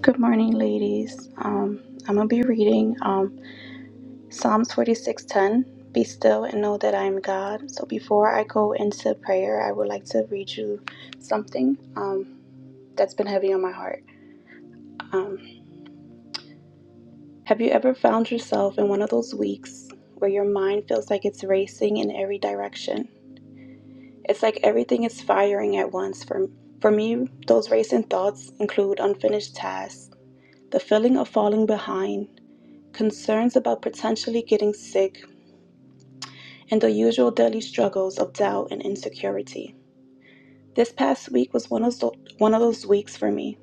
Good morning, ladies. Um, I'm gonna be reading um, Psalms 46:10. Be still and know that I am God. So before I go into prayer, I would like to read you something um, that's been heavy on my heart. Um, have you ever found yourself in one of those weeks where your mind feels like it's racing in every direction? It's like everything is firing at once. For for me, those racing thoughts include unfinished tasks, the feeling of falling behind concerns about potentially getting sick, and the usual daily struggles of doubt and insecurity. This past week was one of, those, one of those weeks for me.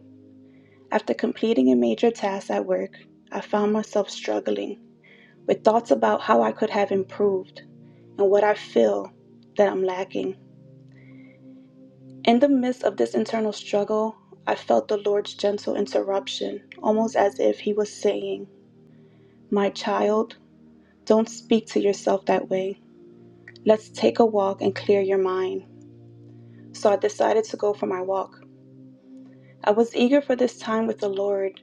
After completing a major task at work, I found myself struggling with thoughts about how I could have improved and what I feel that I'm lacking. In the midst of this internal struggle, I felt the Lord's gentle interruption, almost as if He was saying, My child, don't speak to yourself that way. Let's take a walk and clear your mind. So I decided to go for my walk. I was eager for this time with the Lord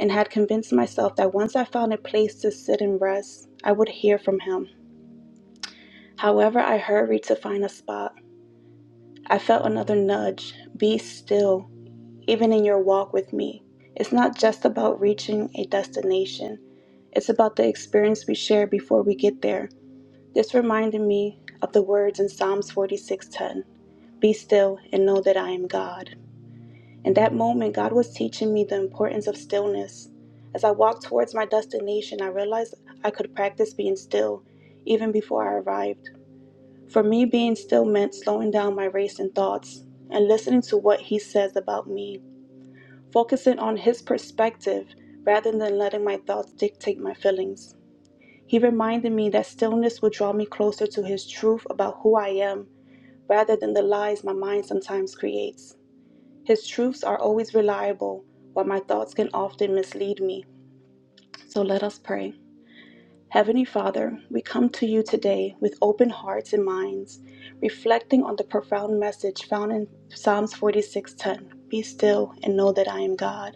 and had convinced myself that once I found a place to sit and rest, I would hear from Him. However, I hurried to find a spot. I felt another nudge be still, even in your walk with me. It's not just about reaching a destination, it's about the experience we share before we get there. This reminded me of the words in Psalms 46:10, "Be still and know that I am God." In that moment, God was teaching me the importance of stillness. As I walked towards my destination, I realized I could practice being still even before I arrived. For me, being still meant slowing down my racing thoughts and listening to what He says about me, focusing on His perspective rather than letting my thoughts dictate my feelings. He reminded me that stillness would draw me closer to His truth about who I am rather than the lies my mind sometimes creates. His truths are always reliable, while my thoughts can often mislead me. So let us pray. Heavenly Father, we come to you today with open hearts and minds, reflecting on the profound message found in Psalms 46:10. Be still and know that I am God.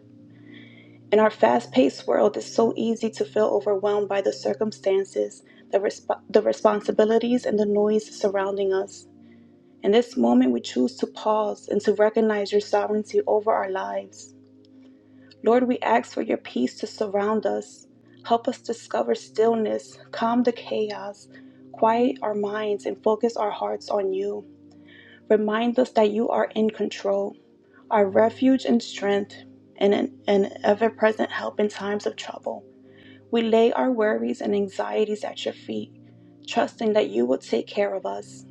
In our fast paced world, it's so easy to feel overwhelmed by the circumstances, the, resp- the responsibilities, and the noise surrounding us. In this moment, we choose to pause and to recognize your sovereignty over our lives. Lord, we ask for your peace to surround us. Help us discover stillness, calm the chaos, quiet our minds, and focus our hearts on you. Remind us that you are in control, our refuge and strength, and an, ever present help in times of trouble. We lay our worries and anxieties at your feet, trusting that you will take care of us.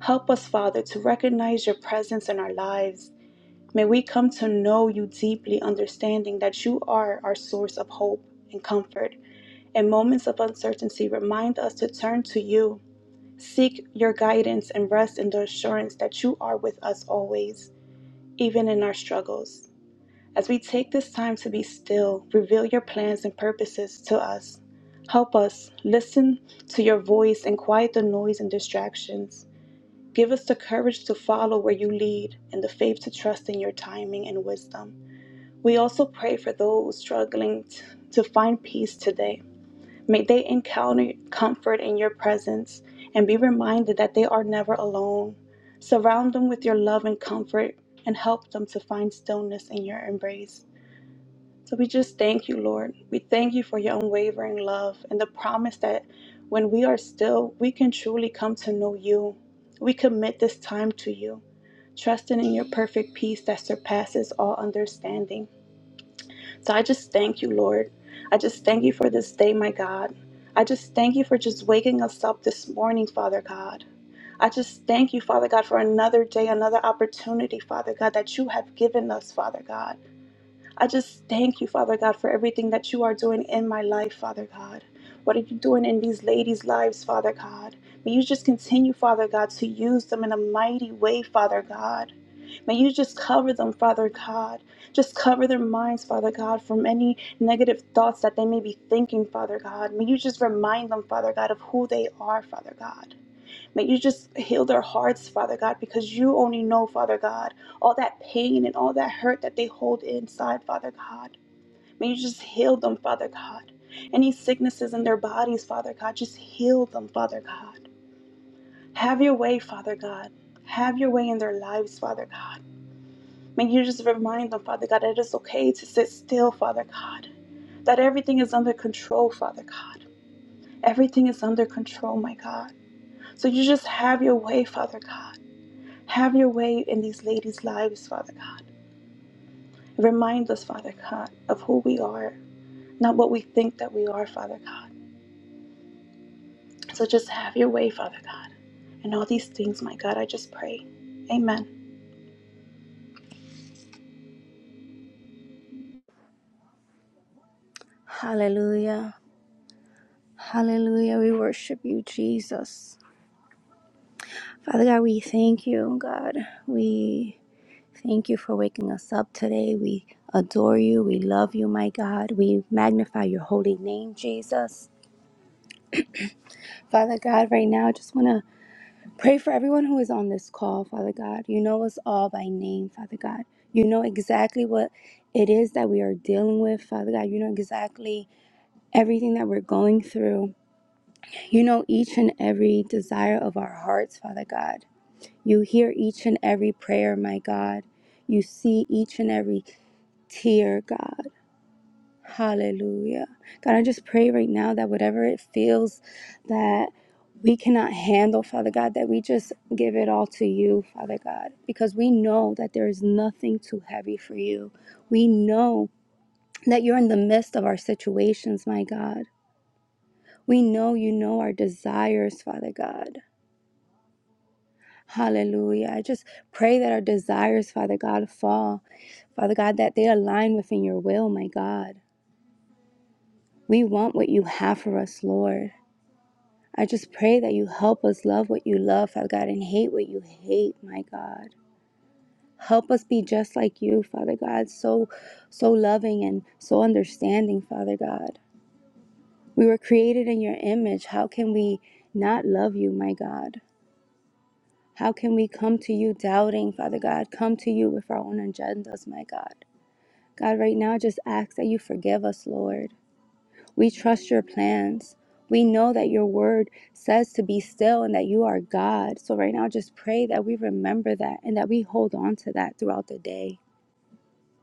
Help us, Father, to recognize your presence in our lives. May we come to know you deeply, understanding that you are our source of hope and comfort. In moments of uncertainty, remind us to turn to you. Seek your guidance and rest in the assurance that you are with us always, even in our struggles. As we take this time to be still, reveal your plans and purposes to us. Help us listen to your voice and quiet the noise and distractions. Give us the courage to follow where you lead and the faith to trust in your timing and wisdom. We also pray for those struggling t- to find peace today. May they encounter comfort in your presence and be reminded that they are never alone. Surround them with your love and comfort and help them to find stillness in your embrace. So we just thank you, Lord. We thank you for your unwavering love and the promise that when we are still, we can truly come to know you. We commit this time to you, trusting in your perfect peace that surpasses all understanding. So I just thank you, Lord. I just thank you for this day, my God. I just thank you for just waking us up this morning, Father God. I just thank you, Father God, for another day, another opportunity, Father God, that you have given us, Father God. I just thank you, Father God, for everything that you are doing in my life, Father God. What are you doing in these ladies' lives, Father God? May you just continue, Father God, to use them in a mighty way, Father God. May you just cover them, Father God. Just cover their minds, Father God, from any negative thoughts that they may be thinking, Father God. May you just remind them, Father God, of who they are, Father God. May you just heal their hearts, Father God, because you only know, Father God, all that pain and all that hurt that they hold inside, Father God. May you just heal them, Father God. Any sicknesses in their bodies, Father God, just heal them, Father God. Have your way, Father God. Have your way in their lives, Father God. May you just remind them, Father God, that it is okay to sit still, Father God. That everything is under control, Father God. Everything is under control, my God. So you just have your way, Father God. Have your way in these ladies' lives, Father God. Remind us, Father God, of who we are, not what we think that we are, Father God. So just have your way, Father God. And all these things, my God, I just pray. Amen. Hallelujah. Hallelujah. We worship you, Jesus. Father God, we thank you, God. We thank you for waking us up today. We adore you. We love you, my God. We magnify your holy name, Jesus. Father God, right now, I just want to pray for everyone who is on this call, Father God. You know us all by name, Father God. You know exactly what it is that we are dealing with, Father God. You know exactly everything that we're going through. You know each and every desire of our hearts, Father God. You hear each and every prayer, my God. You see each and every tear, God. Hallelujah. God, I just pray right now that whatever it feels that we cannot handle, Father God, that we just give it all to you, Father God, because we know that there is nothing too heavy for you. We know that you're in the midst of our situations, my God. We know you know our desires, Father God. Hallelujah. I just pray that our desires, Father God, fall. Father God, that they align within your will, my God. We want what you have for us, Lord. I just pray that you help us love what you love, Father God, and hate what you hate, my God. Help us be just like you, Father God, so so loving and so understanding, Father God. We were created in your image. How can we not love you, my God? How can we come to you doubting, Father God? Come to you with our own agendas, my God. God, right now, just ask that you forgive us, Lord. We trust your plans. We know that your word says to be still and that you are God. So, right now, just pray that we remember that and that we hold on to that throughout the day.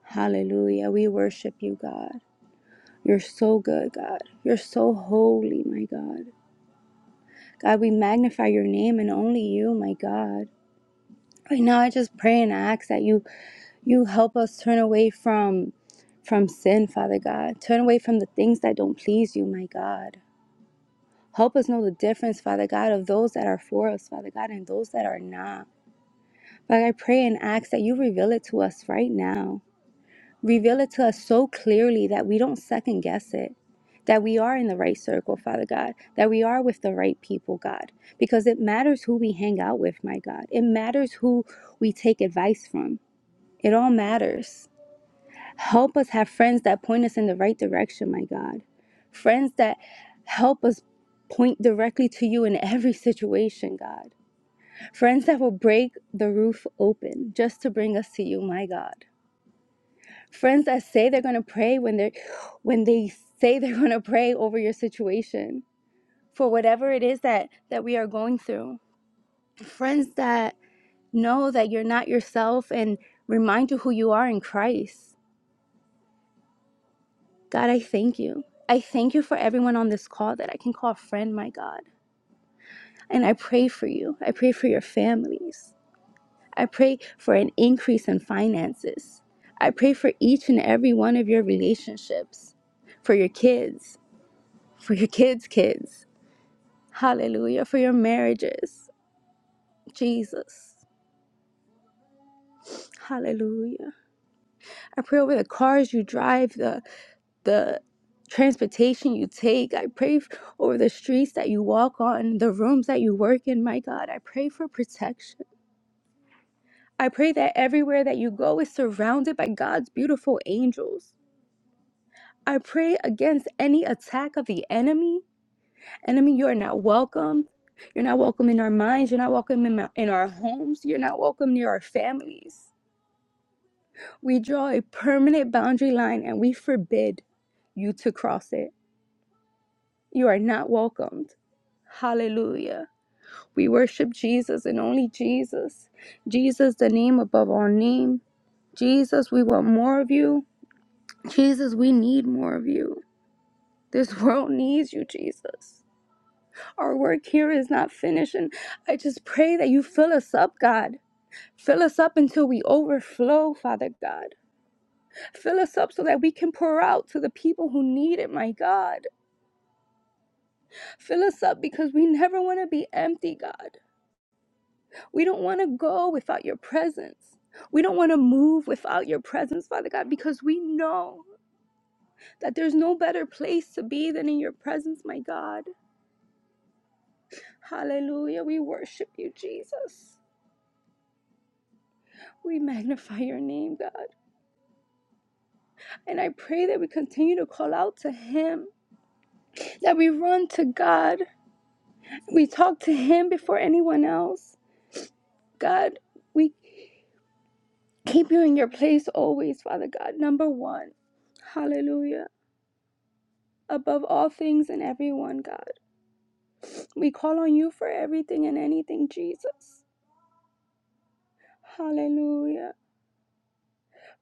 Hallelujah. We worship you, God. You're so good, God. You're so holy, my God. God, we magnify your name and only you, my God. Right now, I just pray and ask that you You help us turn away from from sin, Father God. Turn away from the things that don't please you, my God. Help us know the difference, Father God, of those that are for us, Father God, and those that are not. Like I pray and ask that you reveal it to us right now. Reveal it to us so clearly that we don't second guess it. That we are in the right circle, Father God. That we are with the right people, God. Because it matters who we hang out with, my God. It matters who we take advice from. It all matters. Help us have friends that point us in the right direction, my God. Friends that help us point directly to you in every situation, God. Friends that will break the roof open just to bring us to you, my God. Friends that say they're going to pray when they when they say they're going to pray over your situation for whatever it is that that we are going through. Friends that know that you're not yourself and remind you who you are in Christ. God, I thank you. I thank you for everyone on this call that I can call a friend, my God. And I pray for you. I pray for your families. I pray for an increase in finances. I pray for each and every one of your relationships, for your kids, for your kids' kids. Hallelujah. For your marriages. Jesus. Hallelujah. I pray over the cars you drive, The the transportation you take. I pray f- over the streets that you walk on, the rooms that you work in. My God, I pray for protection. I pray that everywhere that you go is surrounded by God's beautiful angels. I pray against any attack of the enemy. Enemy, you are not welcome. You're not welcome in our minds. You're not welcome in, my, in our homes. You're not welcome near our families. We draw a permanent boundary line and we forbid you to cross it. You are not welcomed. Hallelujah. We worship Jesus and only Jesus. Jesus, the name above all name. Jesus, we want more of you. Jesus, we need more of you. This world needs you, Jesus. Our work here is not finished, and I just pray that you fill us up, God. Fill us up until we overflow, Father God. Fill us up so that we can pour out to the people who need it, my God. Fill us up because we never want to be empty, God. We don't want to go without your presence. We don't want to move without your presence, Father God, because we know that there's no better place to be than in your presence, my God. Hallelujah. We worship you, Jesus. We magnify your name, God. And I pray that we continue to call out to Him, that we run to God. We talk to Him before anyone else. God, we keep you in your place always, Father God. Number one. Hallelujah. Above all things and everyone, God. We call on you for everything and anything, Jesus. Hallelujah.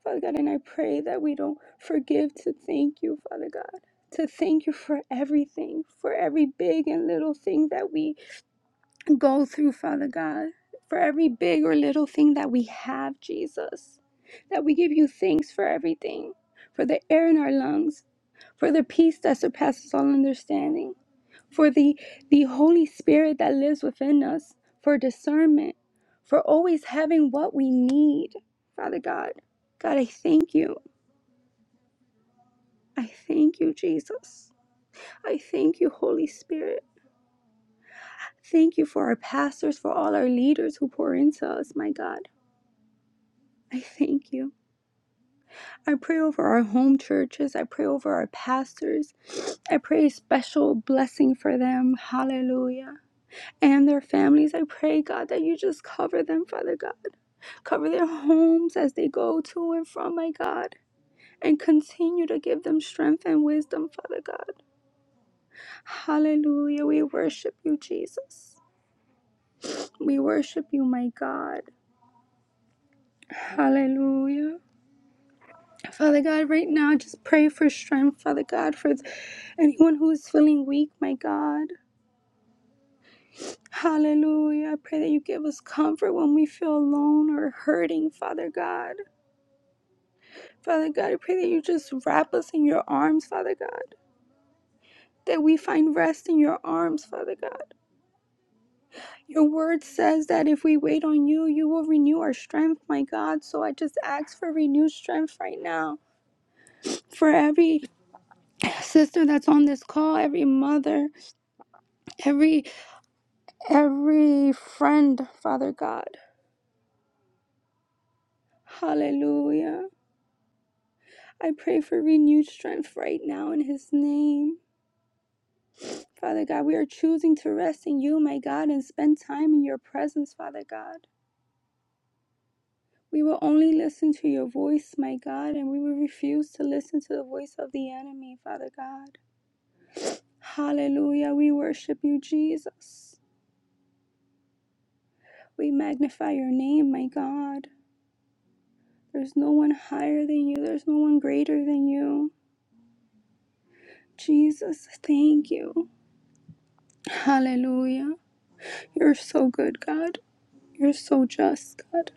Father God, and I pray that we don't forgive to thank you, Father God. To thank you for everything, for every big and little thing that we go through, Father God, for every big or little thing that we have, Jesus. That we give you thanks for everything, for the air in our lungs, for the peace that surpasses all understanding for the, the Holy Spirit that lives within us, for discernment, for always having what we need, Father God. God, I thank you. I thank you, Jesus. I thank you, Holy Spirit. Thank you for our pastors, for all our leaders who pour into us, my God. I thank you. I pray over our home churches. I pray over our pastors. I pray a special blessing for them. Hallelujah. and their families. I pray, God, that you just cover them, Father God. Cover their homes as they go to and from, my God. And continue to give them strength and wisdom, Father God. Hallelujah. We worship you, Jesus. We worship you, my God. Hallelujah. Father God, right now, just pray for strength, Father God, for anyone who is feeling weak, my God. Hallelujah. I pray that you give us comfort when we feel alone or hurting, Father God. Father God, I pray that you just wrap us in your arms, Father God, that we find rest in your arms, Father God. Your word says that if we wait on you, you will renew our strength, my God. So I just ask for renewed strength right now for every sister that's on this call, every mother, every every friend, Father God. Hallelujah. I pray for renewed strength right now in his name. Father God, we are choosing to rest in you, my God, and spend time in your presence, Father God. We will only listen to your voice, my God, and we will refuse to listen to the voice of the enemy, Father God. Hallelujah. We worship you, Jesus. We magnify your name, my God. There's no one higher than you, there's no one greater than you. Jesus, thank you. Hallelujah. You're so good, God. You're so just, God.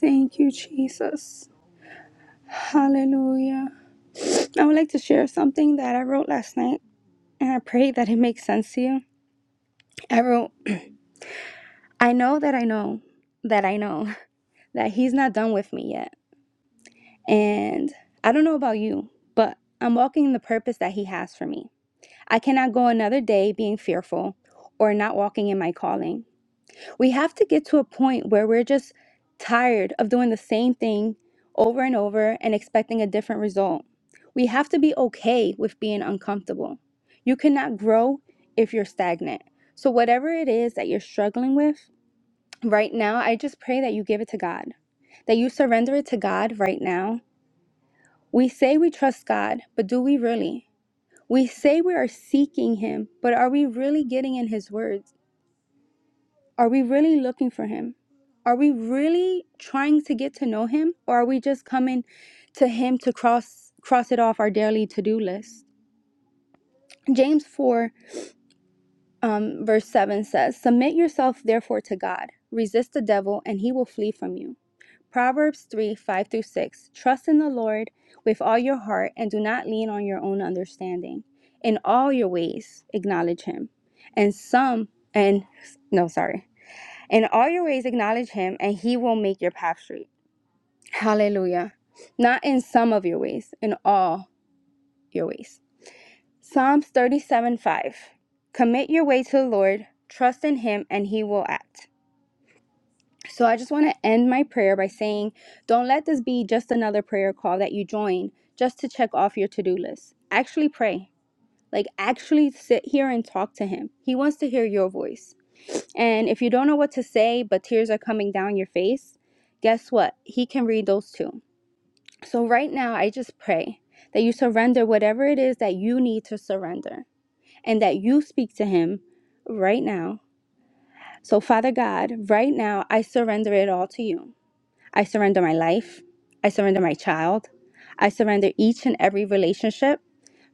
Thank you, Jesus. Hallelujah. I would like to share something that I wrote last night, and I pray that it makes sense to you. I wrote, I know that I know that I know that He's not done with me yet. And I don't know about you, but I'm walking in the purpose that He has for me. I cannot go another day being fearful or not walking in my calling. We have to get to a point where we're just tired of doing the same thing over and over and expecting a different result. We have to be okay with being uncomfortable. You cannot grow if you're stagnant. So, whatever it is that you're struggling with right now, I just pray that you give it to God, that you surrender it to God right now. We say we trust God, but do we really? We say we are seeking Him, but are we really getting in His Word? Are we really looking for him? Are we really trying to get to know him or are we just coming to him to cross cross it off our daily to-do list? James 4 um, verse 7 says, Submit yourself therefore to God. Resist the devil and he will flee from you. Proverbs 3 5 through 6. Trust in the Lord with all your heart and do not lean on your own understanding. In all your ways, acknowledge him. And some, and no, sorry. In all your ways, acknowledge him, and he will make your path straight. Hallelujah. Not in some of your ways, in all your ways. Psalms 37 5. Commit your way to the Lord, trust in him, and he will act. So I just want to end my prayer by saying, don't let this be just another prayer call that you join just to check off your to do list. Actually pray. Like, actually sit here and talk to him. He wants to hear your voice. And if you don't know what to say, but tears are coming down your face, guess what? He can read those too. So, right now, I just pray that you surrender whatever it is that you need to surrender and that you speak to Him right now. So, Father God, right now, I surrender it all to you. I surrender my life. I surrender my child. I surrender each and every relationship.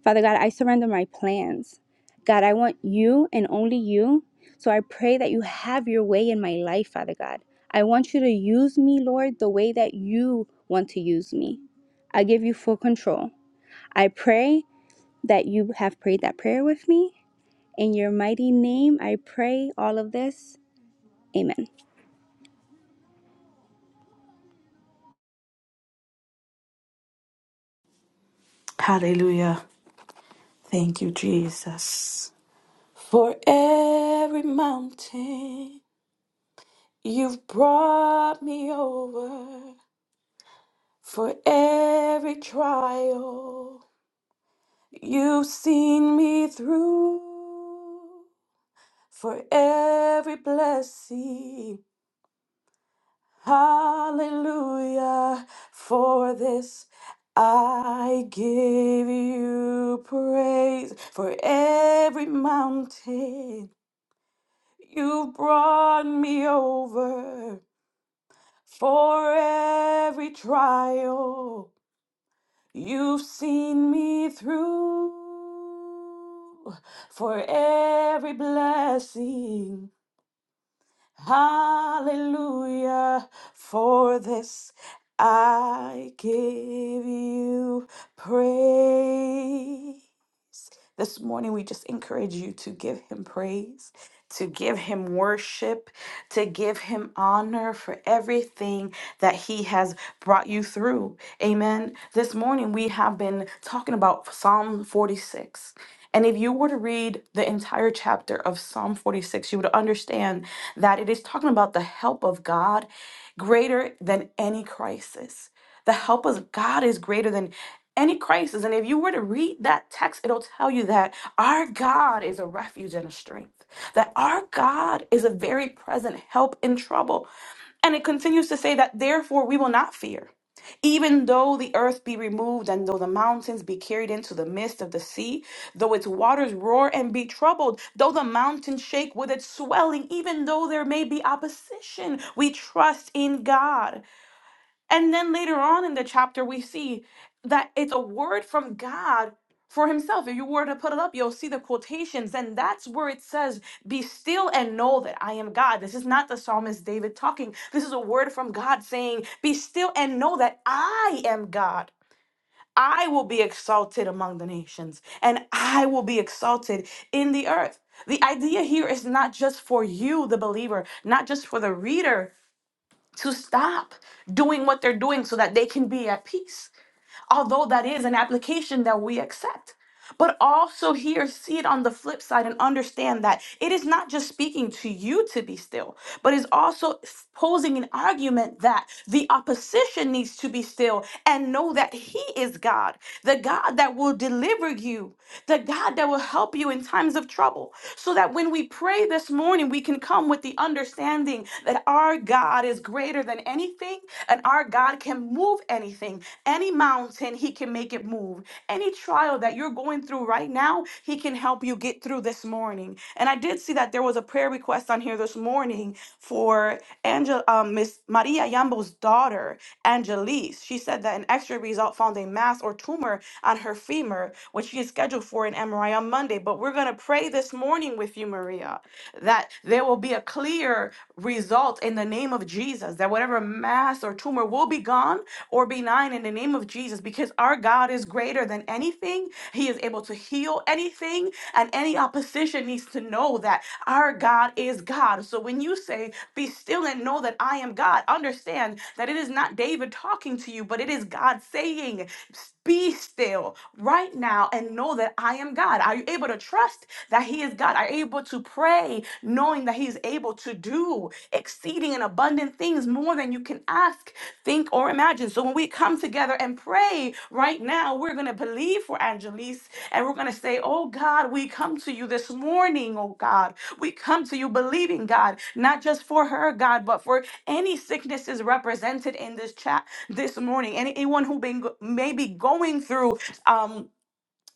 Father God, I surrender my plans. God, I want you and only you. So I pray that you have your way in my life, Father God. I want you to use me, Lord, the way that you want to use me. I give you full control. I pray that you have prayed that prayer with me. In your mighty name, I pray all of this. Amen. Hallelujah. Thank you, Jesus. For every mountain you've brought me over, for every trial you've seen me through, for every blessing. Hallelujah. For this I give you praise for every mountain. You brought me over for every trial. You've seen me through for every blessing. Hallelujah. For this I give you praise. This morning, we just encourage you to give him praise, to give him worship, to give him honor for everything that he has brought you through. Amen. This morning, we have been talking about Psalm 46. And if you were to read the entire chapter of Psalm 46, you would understand that it is talking about the help of God greater than any crisis. The help of God is greater than any crisis. And if you were to read that text, it'll tell you that our God is a refuge and a strength, that our God is a very present help in trouble. And it continues to say that, therefore, we will not fear. Even though the earth be removed, and though the mountains be carried into the midst of the sea, though its waters roar and be troubled, though the mountains shake with its swelling, even though there may be opposition, we trust in God. And then later on in the chapter, we see that it's a word from God for himself. If you were to put it up, you'll see the quotations. And that's where it says, Be still and know that I am God. This is not the psalmist David talking. This is a word from God saying, Be still and know that I am God. I will be exalted among the nations and I will be exalted in the earth. The idea here is not just for you, the believer, not just for the reader, to stop doing what they're doing so that they can be at peace although that is an application that we accept. But also here, see it on the flip side and understand that it is not just speaking to you to be still, but is also s- posing an argument that the opposition needs to be still and know that He is God, the God that will deliver you, the God that will help you in times of trouble. So that when we pray this morning, we can come with the understanding that our God is greater than anything and our our God can move anything, any mountain, He can make it move. Any trial that you're going through right now, He can help you get through this morning. And I did see that there was a prayer request on here this morning for Angel, um, Miss Maria Yambo's daughter, Angelice. She said that an X-ray result found a mass or tumor on her femur, which she is scheduled for an MRI on Monday. But we're gonna pray this morning with you, Maria that there will be a clear result in the name of Jesus, that whatever mass or tumor will be gone or benign in the name of Jesus, because our God is greater than anything. He is able to heal anything, and any opposition needs to know that our God is God. So when you say, Be still and know that I am God, understand that it is not David talking to you, but it is God saying, be still right now and know that I am God. Are you able to trust that He is God? Are you able to pray knowing that He is able to do exceeding and abundant things more than you can ask, think, or imagine? So when we come together and pray right now, we're going to going to believe for Angelise and we're going to say, Oh God, we come to you this morning, oh God. We come to you believing, God, not just for her, God, but for any sicknesses represented in this chat this morning. Anyone who been go- maybe going through um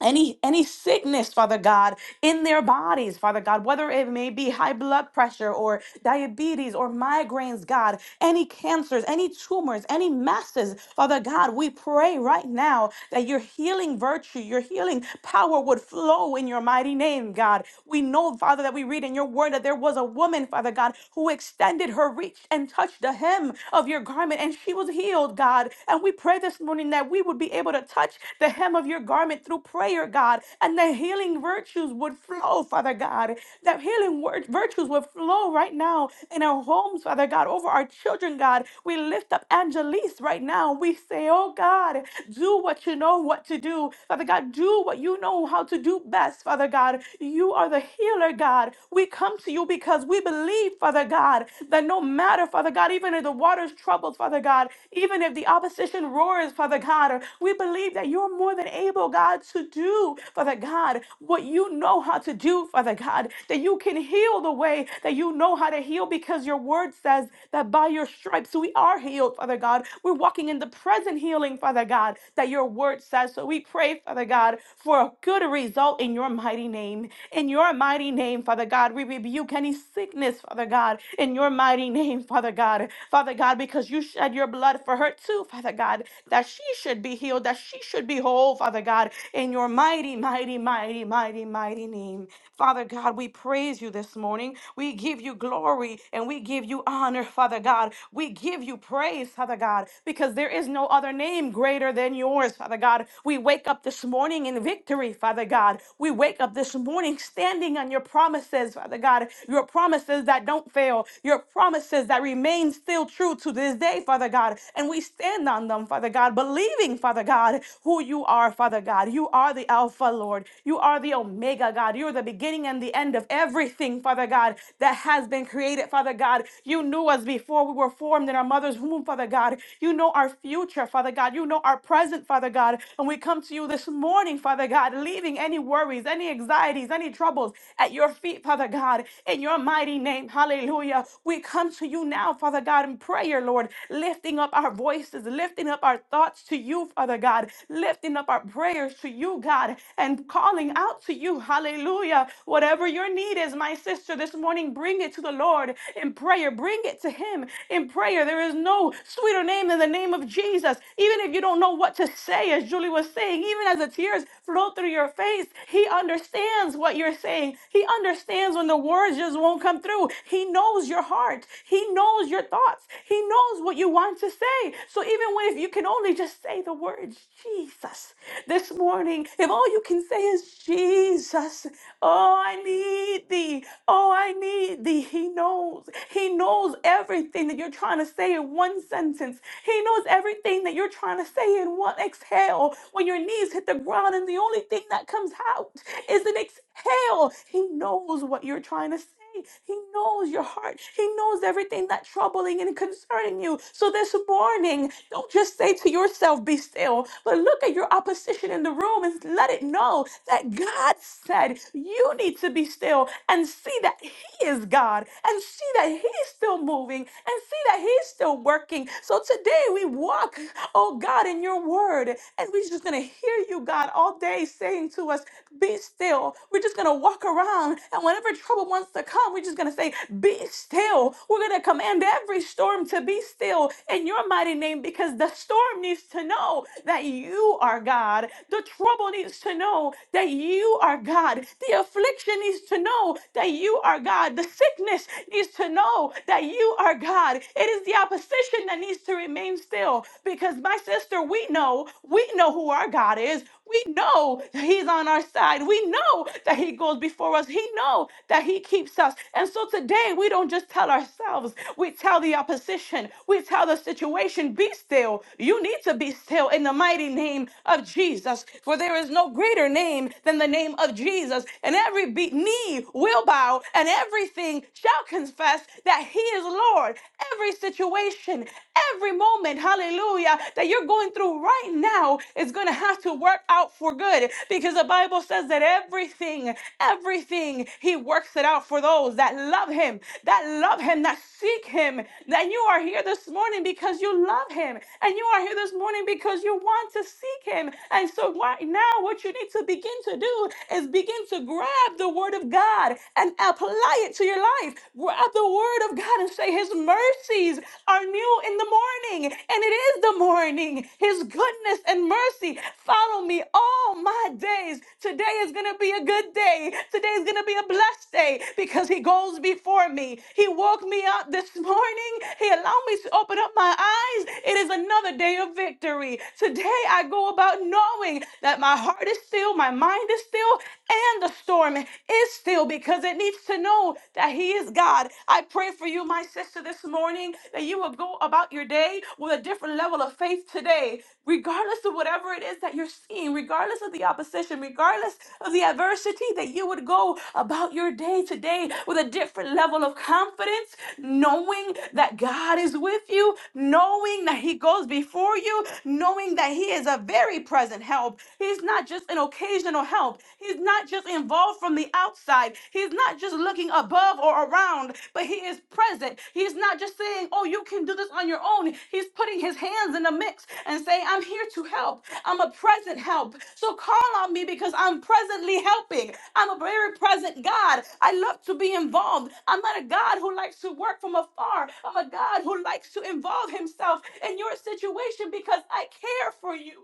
any any sickness father god in their bodies father god whether it may be high blood pressure or diabetes or migraines god any cancers any tumors any masses father god we pray right now that your healing virtue your healing power would flow in your mighty name god we know father that we read in your word that there was a woman father god who extended her reach and touched the hem of your garment and she was healed god and we pray this morning that we would be able to touch the hem of your garment through prayer prayer, God, and the healing virtues would flow, Father God. That healing wor- virtues would flow right now in our homes, Father God, over our children, God. We lift up Angelise right now. We say, Oh God, do what you know what to do. Father God, do what you know how to do best, Father God. You are the healer, God. We come to you because we believe, Father God, that no matter, Father God, even if the water's troubled, Father God, even if the opposition roars, Father God, we believe that you're more than able, God, to do do, Father God, what you know how to do, Father God, that you can heal the way that you know how to heal because your word says that by your stripes we are healed, Father God. We're walking in the present healing, Father God, that your word says. So we pray, Father God, for a good result in your mighty name. In your mighty name, Father God, we rebuke any sickness, Father God, in your mighty name, Father God. Father God, because you shed your blood for her too, Father God, that she should be healed, that she should be whole, Father God, in your your mighty, mighty, mighty, mighty, mighty name. Father God, we praise you this morning. We give you glory and we give you honor, Father God. We give you praise, Father God, because there is no other name greater than yours, Father God. We wake up this morning in victory, Father God. We wake up this morning standing on your promises, Father God, your promises that don't fail, your promises that remain still true to this day, Father God. And we stand on them, Father God, believing, Father God, who you are, Father God. You are are the Alpha, Lord. You are the Omega, God. You're the beginning and the end of everything, Father God, that has been created, Father God. You knew us before we were formed in our mother's womb, Father God. You know our future, Father God. You know our present, Father God. And we come to you this morning, Father God, leaving any worries, any anxieties, any troubles at your feet, Father God, in your mighty name. Hallelujah. We come to you now, Father God, in prayer, Lord, lifting up our voices, lifting up our thoughts to you, Father God, lifting up our prayers to you, you, God, and calling out to you. Hallelujah. Whatever your need is, my sister, this morning, bring it to the Lord in prayer. Bring it to Him in prayer. There is no sweeter name than the name of Jesus. Even if you don't know what to say, as Julie was saying, even as the tears flow through your face, He understands what you're saying. He understands when the words just won't come through. He knows your heart, He knows your thoughts, He knows what you want to say. So even when if you can only just say the words, Jesus, this morning, sing, if all you can say is Jesus, oh, I need thee, oh, I need thee, he knows. He knows everything that you're trying to say in one sentence. He knows everything that you're trying to say in one exhale. When your knees hit the ground and the only thing that comes out is an exhale, he knows what you're trying to say day. He knows your heart. He knows everything that's troubling and concerning you. So this morning, don't just say to yourself, be still, but look at your opposition in the room and let it know that God said you need to be still and see that He is God and see that He's still moving and see that He's still working. So today we walk, oh God, in your word, and we're just going to hear you, God, all day saying to us, be still. We're just we're just gonna walk around, and whenever trouble wants to come, we're just gonna say, Be still. We're gonna command every storm to be still in your mighty name because the storm needs to know that you are God. The trouble needs to know that you are God. The affliction needs to know that you are God. The sickness needs to know that you are God. It is the opposition that needs to remain still because my sister, we know, we know who our God is. We know know that he's on our side. We know that he goes before us. He know that he keeps us. And so today we don't just tell ourselves, we tell the opposition, we tell the situation, be still. You need to be still in the mighty name of Jesus. For there is no greater name than the name of Jesus. And every be- knee will bow and everything shall confess that he is Lord. Every situation, every moment, hallelujah, that you're going through right now is going to have to work out for good because the Bible says that everything, everything, He works it out for those that love Him, that love Him, that seek Him. That you are here this morning because you love Him, and you are here this morning because you want to seek Him. And so, right now, what you need to begin to do is begin to grab the Word of God and apply it to your life. Grab the Word of God and say, His mercies are new in the morning morning, and it is the morning. His goodness and mercy follow me all my days. Today is going to be a good day. Today is going to be a blessed day because He goes before me. He woke me up this morning. He allowed me to open up my eyes. It is another day of victory. Today I go about knowing that my heart is still, my mind is still, and the storm is still because it needs to know that He is God. I pray for you, my sister, this morning that you will go about your day with a different level of faith today, regardless of whatever it is that you're seeing, regardless of the opposition, regardless of the adversity, that you would go about your day today with a different level of confidence, knowing that God is with you, knowing that He goes before you, knowing that He is a very present help. He's not just an occasional help help. He's not just involved from the outside. He's not just looking above or around, but he is present. He's not just saying, "Oh, you can do this on your own." He's putting his hands in the mix and saying, "I'm here to help. I'm a present help. So call on me because I'm presently helping. I'm a very present God. I love to be involved. I'm not a God who likes to work from afar. I'm a God who likes to involve himself in your situation because I care for you.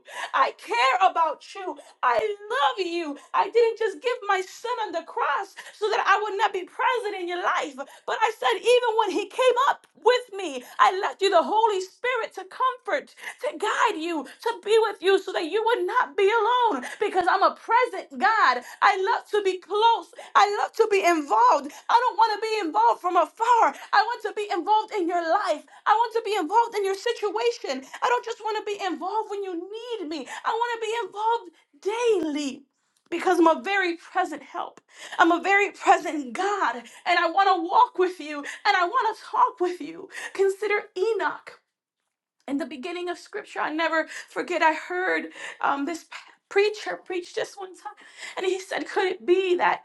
I care about you. I love you. I didn't just give my son on the cross so that I would not be present in your life. But I said, even when he came up with me, I left you the Holy Spirit to comfort, to guide you, to be with you so that you would not be alone because I'm a present God. I love to be close. I love to be involved. I don't want to be involved from afar. I want to be involved in your life. I want to be involved in your situation. I don't just want to be involved when you need me. I want to be involved daily because I'm a very present help. I'm a very present God, and I want to walk with you and I want to talk with you. Consider Enoch. In the beginning of scripture, I never forget, I heard um, this p- preacher preach this one time, and he said, Could it be that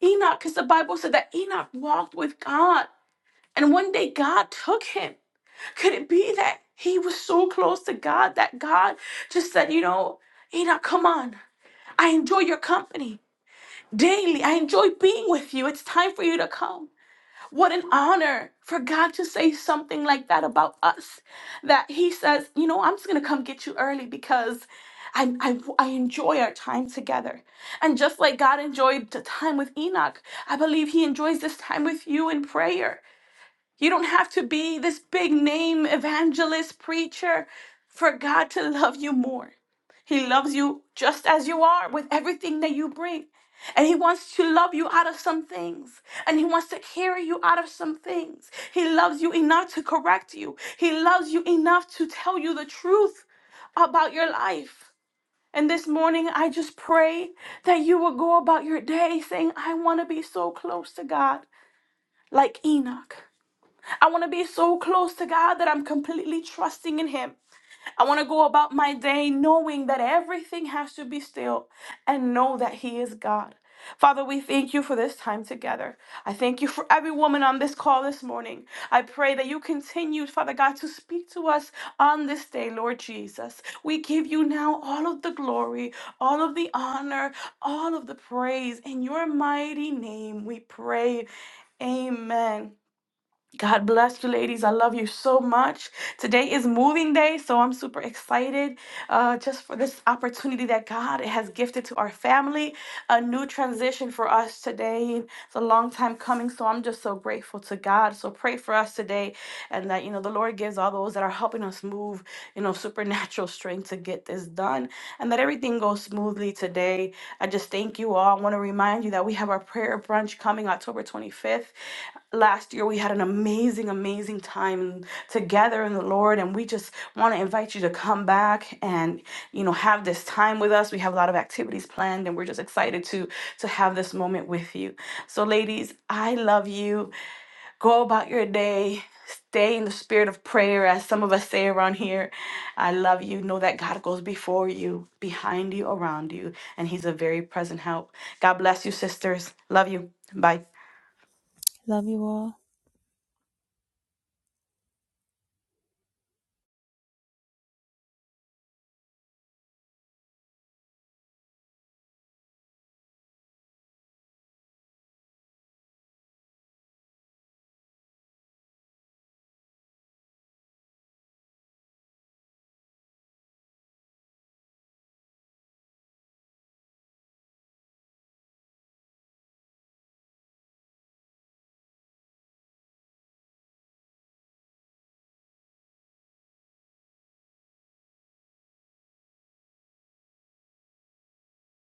Enoch, because the Bible said that Enoch walked with God, and one day God took him? Could it be that he was so close to God that God just said, You know, Enoch, come on. I enjoy your company. Daily, I enjoy being with you. It's time for you to come. What an honor for God to say something like that about us. That He says, you know, I'm just going to come get you early because I, I, I enjoy our time together. And just like God enjoyed the time with Enoch, I believe He enjoys this time with you in prayer. You don't have to be this big name evangelist, preacher for God to love you more. He loves you just as you are with everything that you bring. And he wants to love you out of some things. And he wants to carry you out of some things. He loves you enough to correct you. He loves you enough to tell you the truth about your life. And this morning, I just pray that you will go about your day saying, I want to be so close to God like Enoch. I want to be so close to God that I'm completely trusting in Him. I want to go about my day knowing that everything has to be still and know that He is God. Father, we thank you for this time together. I thank you for every woman on this call this morning. I pray that you continue, Father God, to speak to us on this day, Lord Jesus. We give you now all of the glory, all of the honor, all of the praise. In your mighty name we pray. Amen. God bless you, ladies. I love you so much. Today is moving day, so I'm super excited uh, just for this opportunity that God has gifted to our family. A new transition for us today. It's a long time coming, so I'm just so grateful to God. So pray for us today, and that you know the Lord gives all those that are helping us move, you know, supernatural strength to get this done, and that everything goes smoothly today. I just thank you all. I want to remind you that we have our prayer brunch coming October 25th last year we had an amazing amazing time together in the lord and we just want to invite you to come back and you know have this time with us we have a lot of activities planned and we're just excited to to have this moment with you so ladies i love you go about your day stay in the spirit of prayer as some of us say around here i love you know that god goes before you behind you around you and he's a very present help god bless you sisters love you bye Love you all.